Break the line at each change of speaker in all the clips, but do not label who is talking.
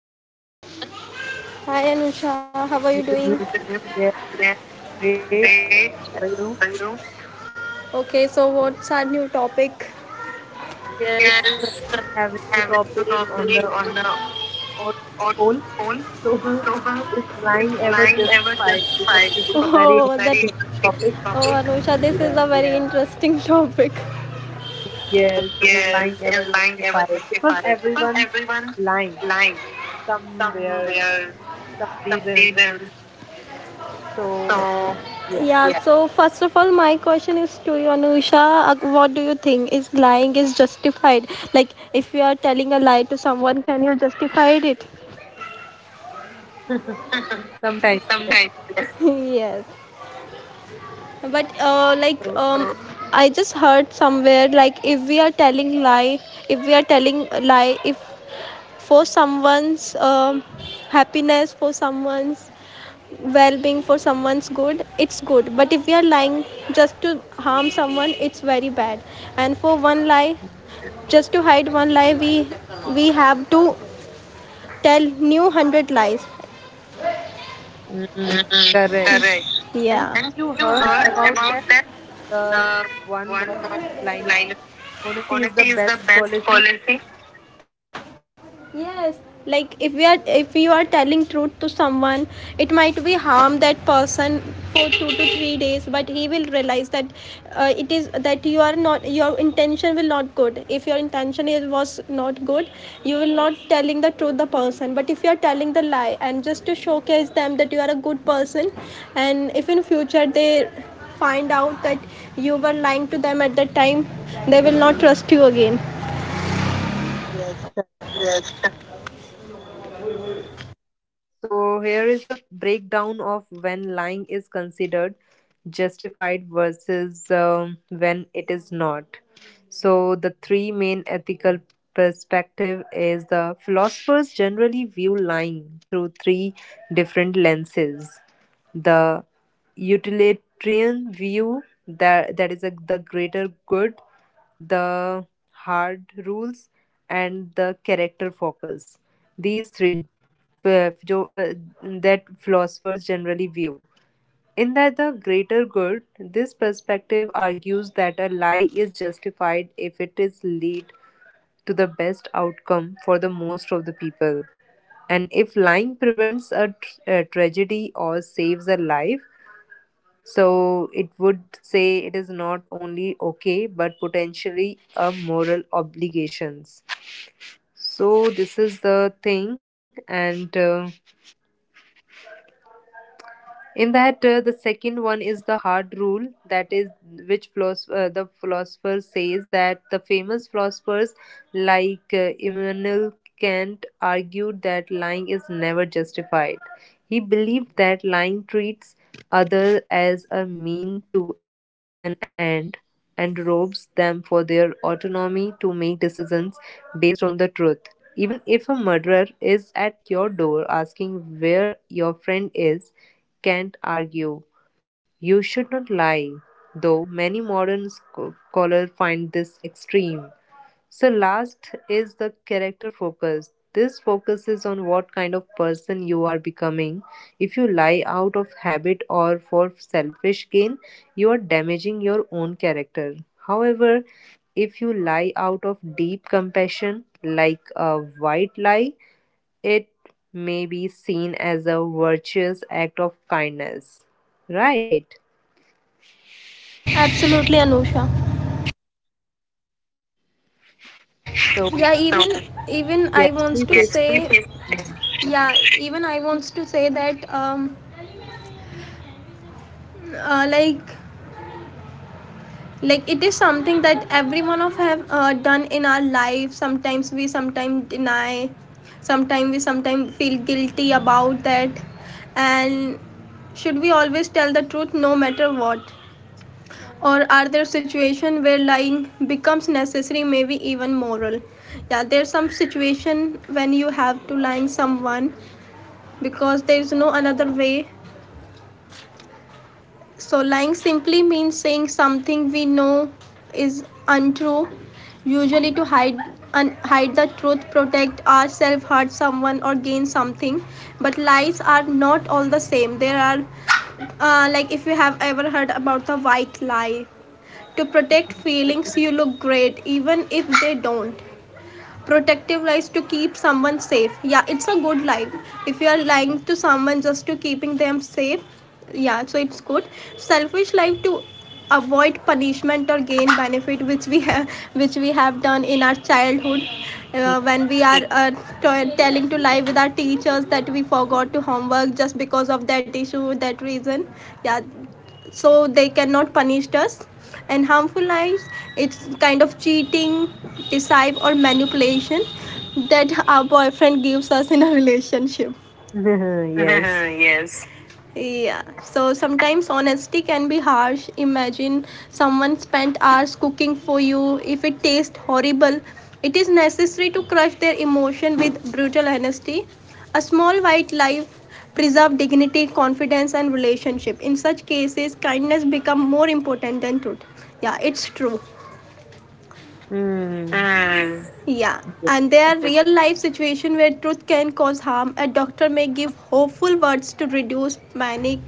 podcast. Hi Anusha, how are you doing?
With the new
Great.
yeah, great. How
How are
are
you?
you?
Okay, so what's our new topic? Yes,
Yes,
I have a
have a
new
new
topic
topic
on the
on the audience
phone.
poll.
So,
So,
is
is
flying
lying ever
ever
justified?
justified?
Because this is
Oh,
very
this—
interesting topic.
oh Anusha, this is a very,
Yes,
yeah, interesting topic.
yes, is
Yes,
lying
is
ever
lying ever
justified?
justified?
Because
Because
everyone
everyone's
lying
lying
somewhere,
somewhere,
some
some
reasons.
reason. So,
So,
yeah,
yeah,
yeah, so first of all, my question is to you, Anusha. What do you think? Is lying is justified? Like, if you are telling a lie to someone, can you justify it?
sometimes
Sometimes
yes.
yes. Yes. But,
So,
I just heard somewhere, like, if we are telling lie, if we are telling lie, if for someone's happiness, for someone's well being, for someone's good, it's good. But if we are lying just to harm someone, it's very bad. And for one lie, just to hide one lie, we have to tell new 100 lies.
mm, correct.
Correct.
And have
Yeah. And
you
you
heard
heard
about that?
about that
The
uh,
one
one
word liner
lie.
honesty is
Honesty
the
is the
best
best
policy.
policy. Yes, like if you are telling truth to someone, it might be harm that person for 2 to 3 days, but he will realize that it is that you are not— your intention will not good. If your intention is, was not good, you will not telling the truth the person. But if you are telling the lie and just to showcase them that you are a good person, and if in future they find out that you were lying to them at that time, they will not trust you again. Yes.
So here is a breakdown of when lying is considered justified versus when it is not. So the three main ethical perspective is the philosophers generally view lying through three different lenses. The utilitarian view that is a, the greater good, the hard rules and the character focus. These three ph- ph- uh, that philosophers generally view. In that the greater good, this perspective argues that a lie is justified if it is lead to the best outcome for the most of the people. And if lying prevents a tragedy or saves a life, so it would say it is not only okay but potentially a moral obligations. So this is the thing and. In that the second one is the hard rule that is which the philosopher says that the famous philosophers like Immanuel Kant argued that lying is never justified. He believed that lying treats others as a mean to an end and robs them for their autonomy to make decisions based on the truth. Even if a murderer is at your door asking where your friend is, can't argue. "You should not lie", though many modern scholars find this extreme. So last is the character focus. This focuses on what kind of person you are becoming. If you lie out of habit or for selfish gain, you are damaging your own character. However, if you lie out of deep compassion, like a white lie, it may be seen as a virtuous act of kindness, right?
Absolutely, Anusha.
So,
Yeah, even— okay, even I
yes,
wants
please
to—
say
yes, say
something.
please. Yes. Yeah, even I wants to say that uh, like it is something that every one of have done in our life. Sometimes we sometimes deny, sometimes we sometimes feel guilty about that. And should we always tell the truth no matter what, or are there situations where lying becomes necessary, maybe even moral? Yeah, there's some situation when you have to lying someone because there is no another way. So lying simply means saying something we know is untrue, usually to hide— hide the truth, protect ourselves, hurt someone, or gain something. But lies are not all the same. There are— like, if you have ever heard about the white lie— to protect feelings, you look great even if they don't. Protective lies to keep someone safe. Yeah, it's a good lie. If you are lying to someone just to keeping them safe, yeah, so it's good. Selfish lie to avoid punishment or gain benefit, which we have done in our childhood, when we are telling to lie with our teachers that we forgot to homework just because of that issue, that reason. Yeah, so they cannot punish us. And harmful lies, it's kind of cheating, deceive, or manipulation that our boyfriend gives us in a relationship.
Yes.
Yes. Yeah, so sometimes honesty can be harsh. Imagine someone spent hours cooking for you. If it tastes horrible, it is necessary to crush their emotion with brutal honesty. A small white lie preserves dignity, confidence, and relationship. In such cases, kindness becomes more important than truth. Yeah, it's true.
Mm.
Mm. Yeah. And there are real life situations where truth can cause harm. A doctor may give hopeful words to reduce panic.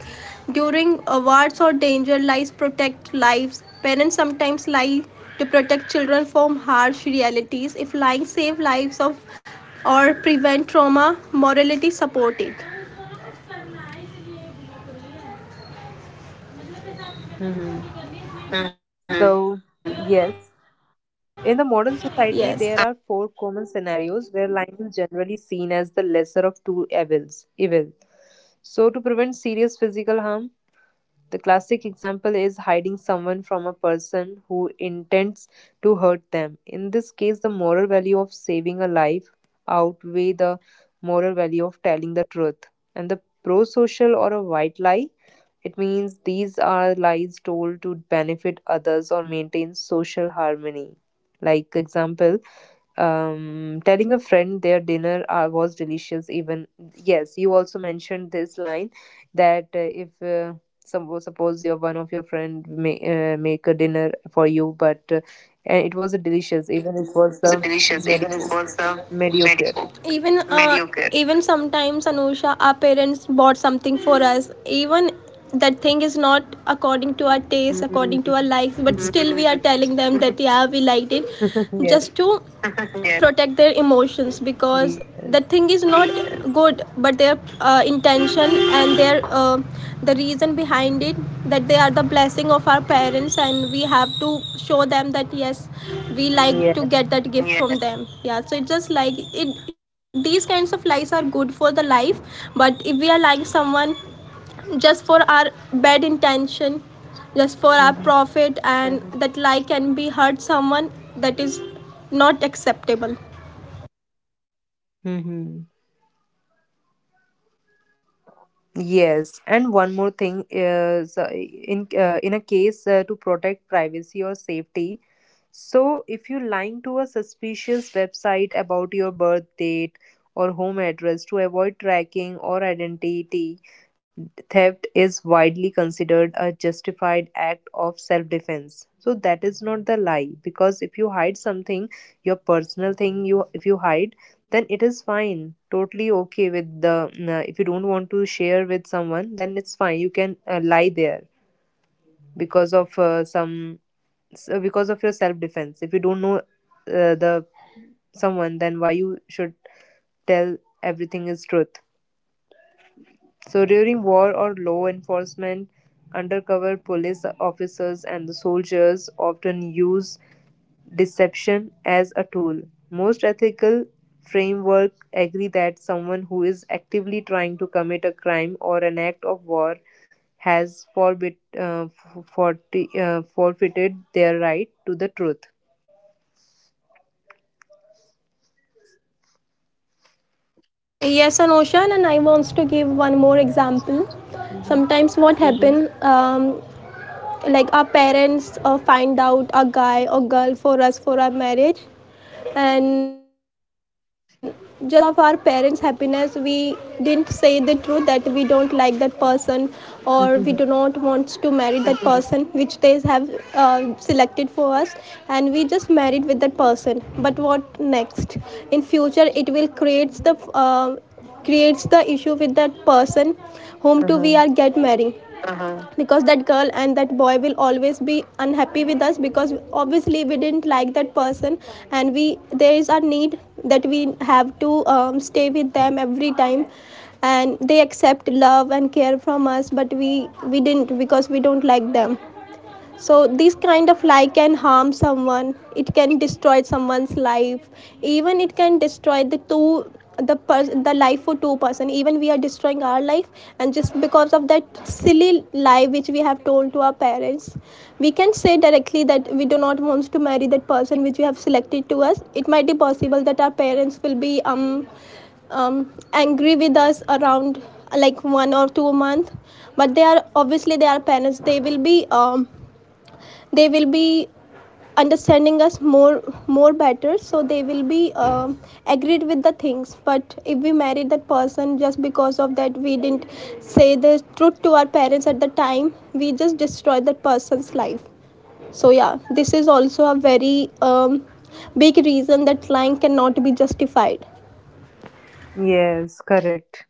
During awards or danger, lies protect lives. Parents sometimes lie to protect children from harsh realities. If lying save lives of or prevent trauma, morality support it.
Hmm. So, yes, in the modern
Yes.
society, there are four common scenarios where lying is generally seen as the lesser of two evils. Evil. So, to prevent serious physical harm, the classic example is hiding someone from a person who intends to hurt them. In this case, the moral value of saving a life outweigh the moral value of telling the truth. And the pro-social or a white lie, it means these are lies told to benefit others or maintain social harmony. Like example, telling a friend their dinner was delicious even yes you also mentioned this line that if suppose your one of your friend may, make a dinner for you but and it was a delicious even it
It
was
was
the
delicious, even it
mediocre
was
mediocre
medico, even mediocre. Even sometimes, Anusha, our parents bought something for us, even that thing is not according to our taste, according
Mm.
to our likes, but still we are telling them that yeah, we liked it, just
Yes.
to— yes, protect their emotions, because
Yes.
the thing is not good, but their intention and their the reason behind it, that they are the blessing of our parents, and we have to show them that yes, we like to
Yes.
get that gift, yes, from— yes, them. Yeah, so it's just like, it these kinds of lies are good for the life. But if we are lying someone just for our bad intention, just for our
Hmm.
profit, and that lie can be hurt someone, that is not acceptable.
Hmm. Yes, and one more thing is in a case to protect privacy or safety, so, if you lying to a suspicious website about your birth date or home address to avoid tracking or identity theft is widely considered a justified act of self defense. So that is not the lie because if you hide something, your personal thing you if you hide, then it is fine. Totally okay with the if you don't want to share with someone, then it's fine. You can lie there because of some so because of your self defense. If you don't know the someone, then why you should tell everything is truth? So during war or law enforcement, undercover police officers and the soldiers often use deception as a tool. Most ethical framework agree that someone who is actively trying to commit a crime or an act of war has forfeited their right to the truth.
Yes, an ocean and I wants to give one more example.
Mhm.
Sometimes what happen, like, our parents find out a guy or girl for us for our marriage, and just because of our parents happiness, we didn't say the truth that we don't like that person or we do not want to marry that person which they have selected for us. And we just married with that person, but what next? In future, it will creates the— creates the issue with that person whom to
Uh-huh.
we are get marrying. Uh-huh. Because that girl and that boy will always be unhappy with us, because obviously we didn't like that person. And we there is our need that we have to stay with them every time, and they accept love and care from us, but we didn't, because we don't like them. So this kind of lie can harm someone, it can destroy someone's life. Even it can destroy the two— the person— the life for two person. Even we are destroying our life, and just because of that silly lie which we have told to our parents. We can say directly that we do not want to marry that person which we have selected to us. It might be possible that our parents will be angry with us around like one or two month, but they are— obviously they are parents, they will be understanding us more better, so they will be agreed with the things. But if we marry that person just because of that we didn't say the truth to our parents at the time, we just destroy that person's life. So yeah, this is also a very big reason that lying cannot be justified.
Yes, correct.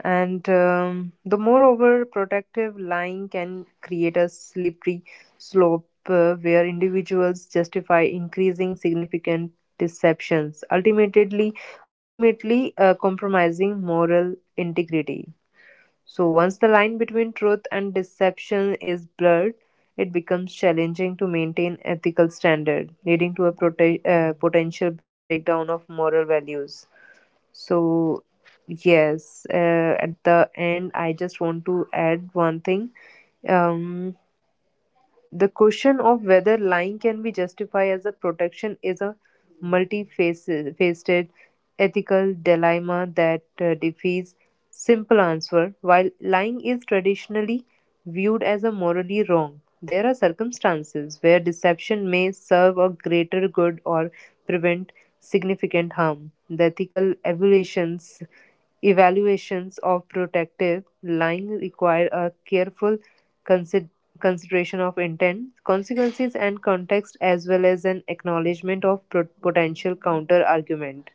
And the moreover, protective lying can create a slippery slope where individuals justify increasing significant deceptions, ultimately, compromising moral integrity. So once the line between truth and deception is blurred, it becomes challenging to maintain ethical standard, leading to a potential breakdown of moral values. So, yes, at the end, I just want to add one thing. Um, the question of whether lying can be justified as a protection is a multifaceted ethical dilemma that defies simple answer. While lying is traditionally viewed as a morally wrong, there are circumstances where deception may serve a greater good or prevent significant harm. The ethical evaluations of protective line require a careful consider- consideration of intent, consequences, and context, as well as an acknowledgement of potential counter argument.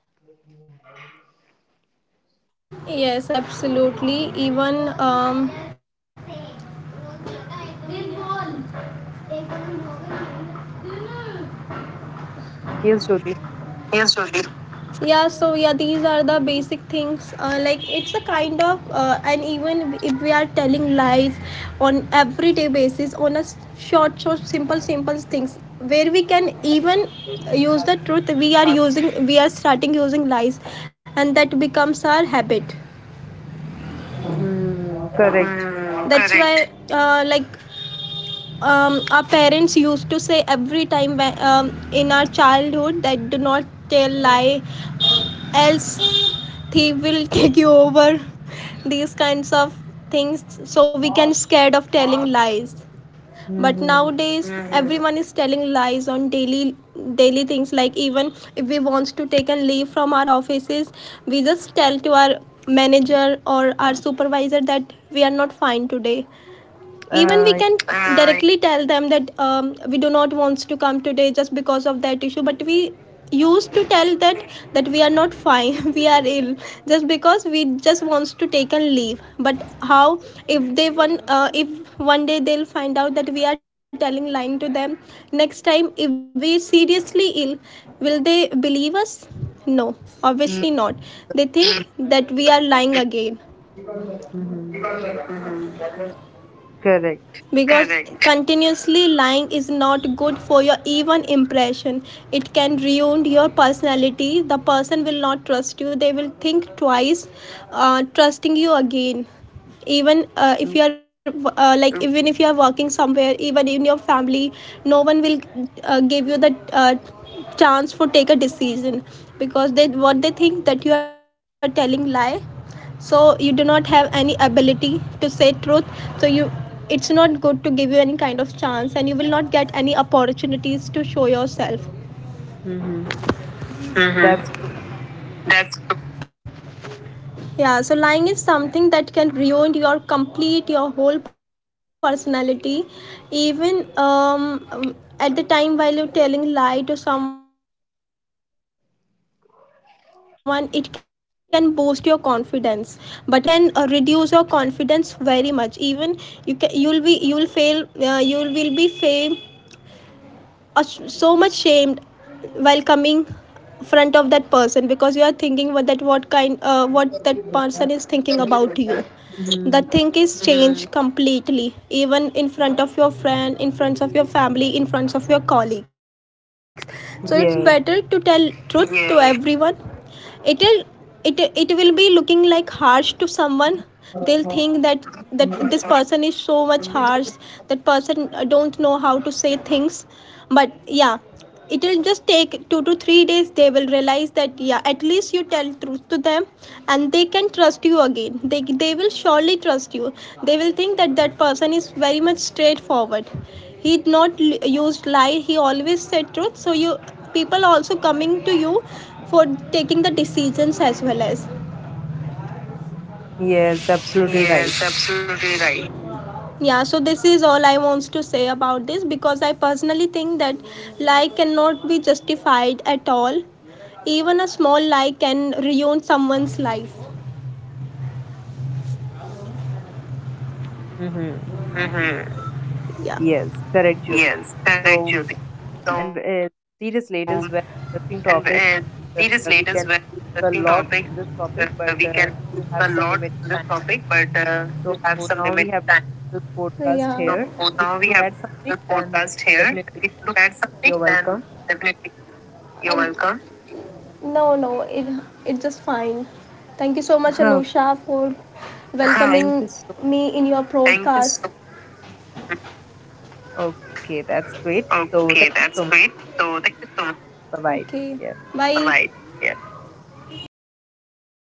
Yes, absolutely. Even
Yes, Jyoti.
Yes, Ruchi. Yeah, so yeah, these are the basic things, like, it's a kind of— and even if we are telling lies on everyday basis, on short simple things, where we can even use the truth, we are using— we are starting using lies, and that becomes our habit.
Hmm. Correct.
That's why, like, our parents used to say every time, in our childhood, that do not tell lie, else he will take you over, these kinds of things, so we can scared of telling lies. But
Mm-hmm.
nowadays, everyone is telling lies on daily daily things. Like, even if we wants to take and leave from our offices, we just tell to our manager or our supervisor that we are not fine today. Even we
Uh,
can directly tell them that we do not want to come today just because of that issue, but we used to tell that— that we are not fine, we are ill, just because we just wants to take and leave. But how, if they one if one day they'll find out that we are telling lying to them, next time if we seriously ill, will they believe us? No, obviously
mm,
not. They think that we are lying again.
mhm. Correct.
Because, correct, continuously lying is not good for your even impression. It can ruin your personality. The person will not trust you. They will think twice trusting you again. Even— if you are— even if you are working somewhere, even in your family, no one will give you the chance for take a decision, because they— what they think, that you are telling lie, so you do not have any ability to say truth. So you— it's not good to give you any kind of chance, and you will not get any opportunities to show yourself.
Mm-hmm. That's.
Mm-hmm. That's— yeah, so lying is something that can ruin your complete— your whole personality. Even, at the time while you're telling lie to someone, it can boost your confidence. But when someone found that you are lying to them, it will— can reduce your confidence very much. Even you can— you'll be— you'll fail, you will be fame, so much shamed, while coming front of that person, because you are thinking what that— what kind— what that person is thinking about you.
Mm-hmm.
The thing is changed completely, even in front of your friend, in front of your family, in front of your colleagues. So it's better to
Yes.
tell truth to everyone. It'll— it will be looking like harsh to someone. They'll think that— that this person is so much harsh, that person don't know how to say things. But yeah, it will just take 2 to 3 days, they will realize that yeah, at least you tell truth to them, and they can trust you again. They— they will surely trust you. They will think that that person is very much straightforward, he not used lie, he always said truth. So you— people also coming to you for taking the decisions, as well as—
Yes, absolutely
yes,
right.
absolutely right. Yeah, so this is all I wants to say about this, because I personally think that lie cannot be justified at all. Even a small lie can ruin someone's life.
Mm-hmm. Yes,
Mm-hmm.
correct, Jyoti.
Yeah.
So,
Yes,
and
correct.
seriously, it is
So,
very interesting
and
topic. We
seriously,
can
it is
speak
very
a
interesting
lot on
topic.
this topic,
Uh,
but
we can
we
speak
have
a
some
lot
limited
on this
time.
topic, but
So
we have some
now we
limited
have
time.
this
So
podcast
yeah.
here.
So
If you
now we
want to
have
add
the
something, then
podcast here.
definitely
If you look at
you're
something,
welcome.
then definitely you're— and welcome. No, no, it— it's just fine. Thank you so much,
Okay,
Anusha, for— ah,
thank
welcoming
you so.
me in your— thank you— podcast.
Okay, that's great.
So,
So thank
okay,
you so
that's
much.
great. So thank you so much.
Bye bye.
Okay.
Yeah.
Bye. Bye-bye. Yeah.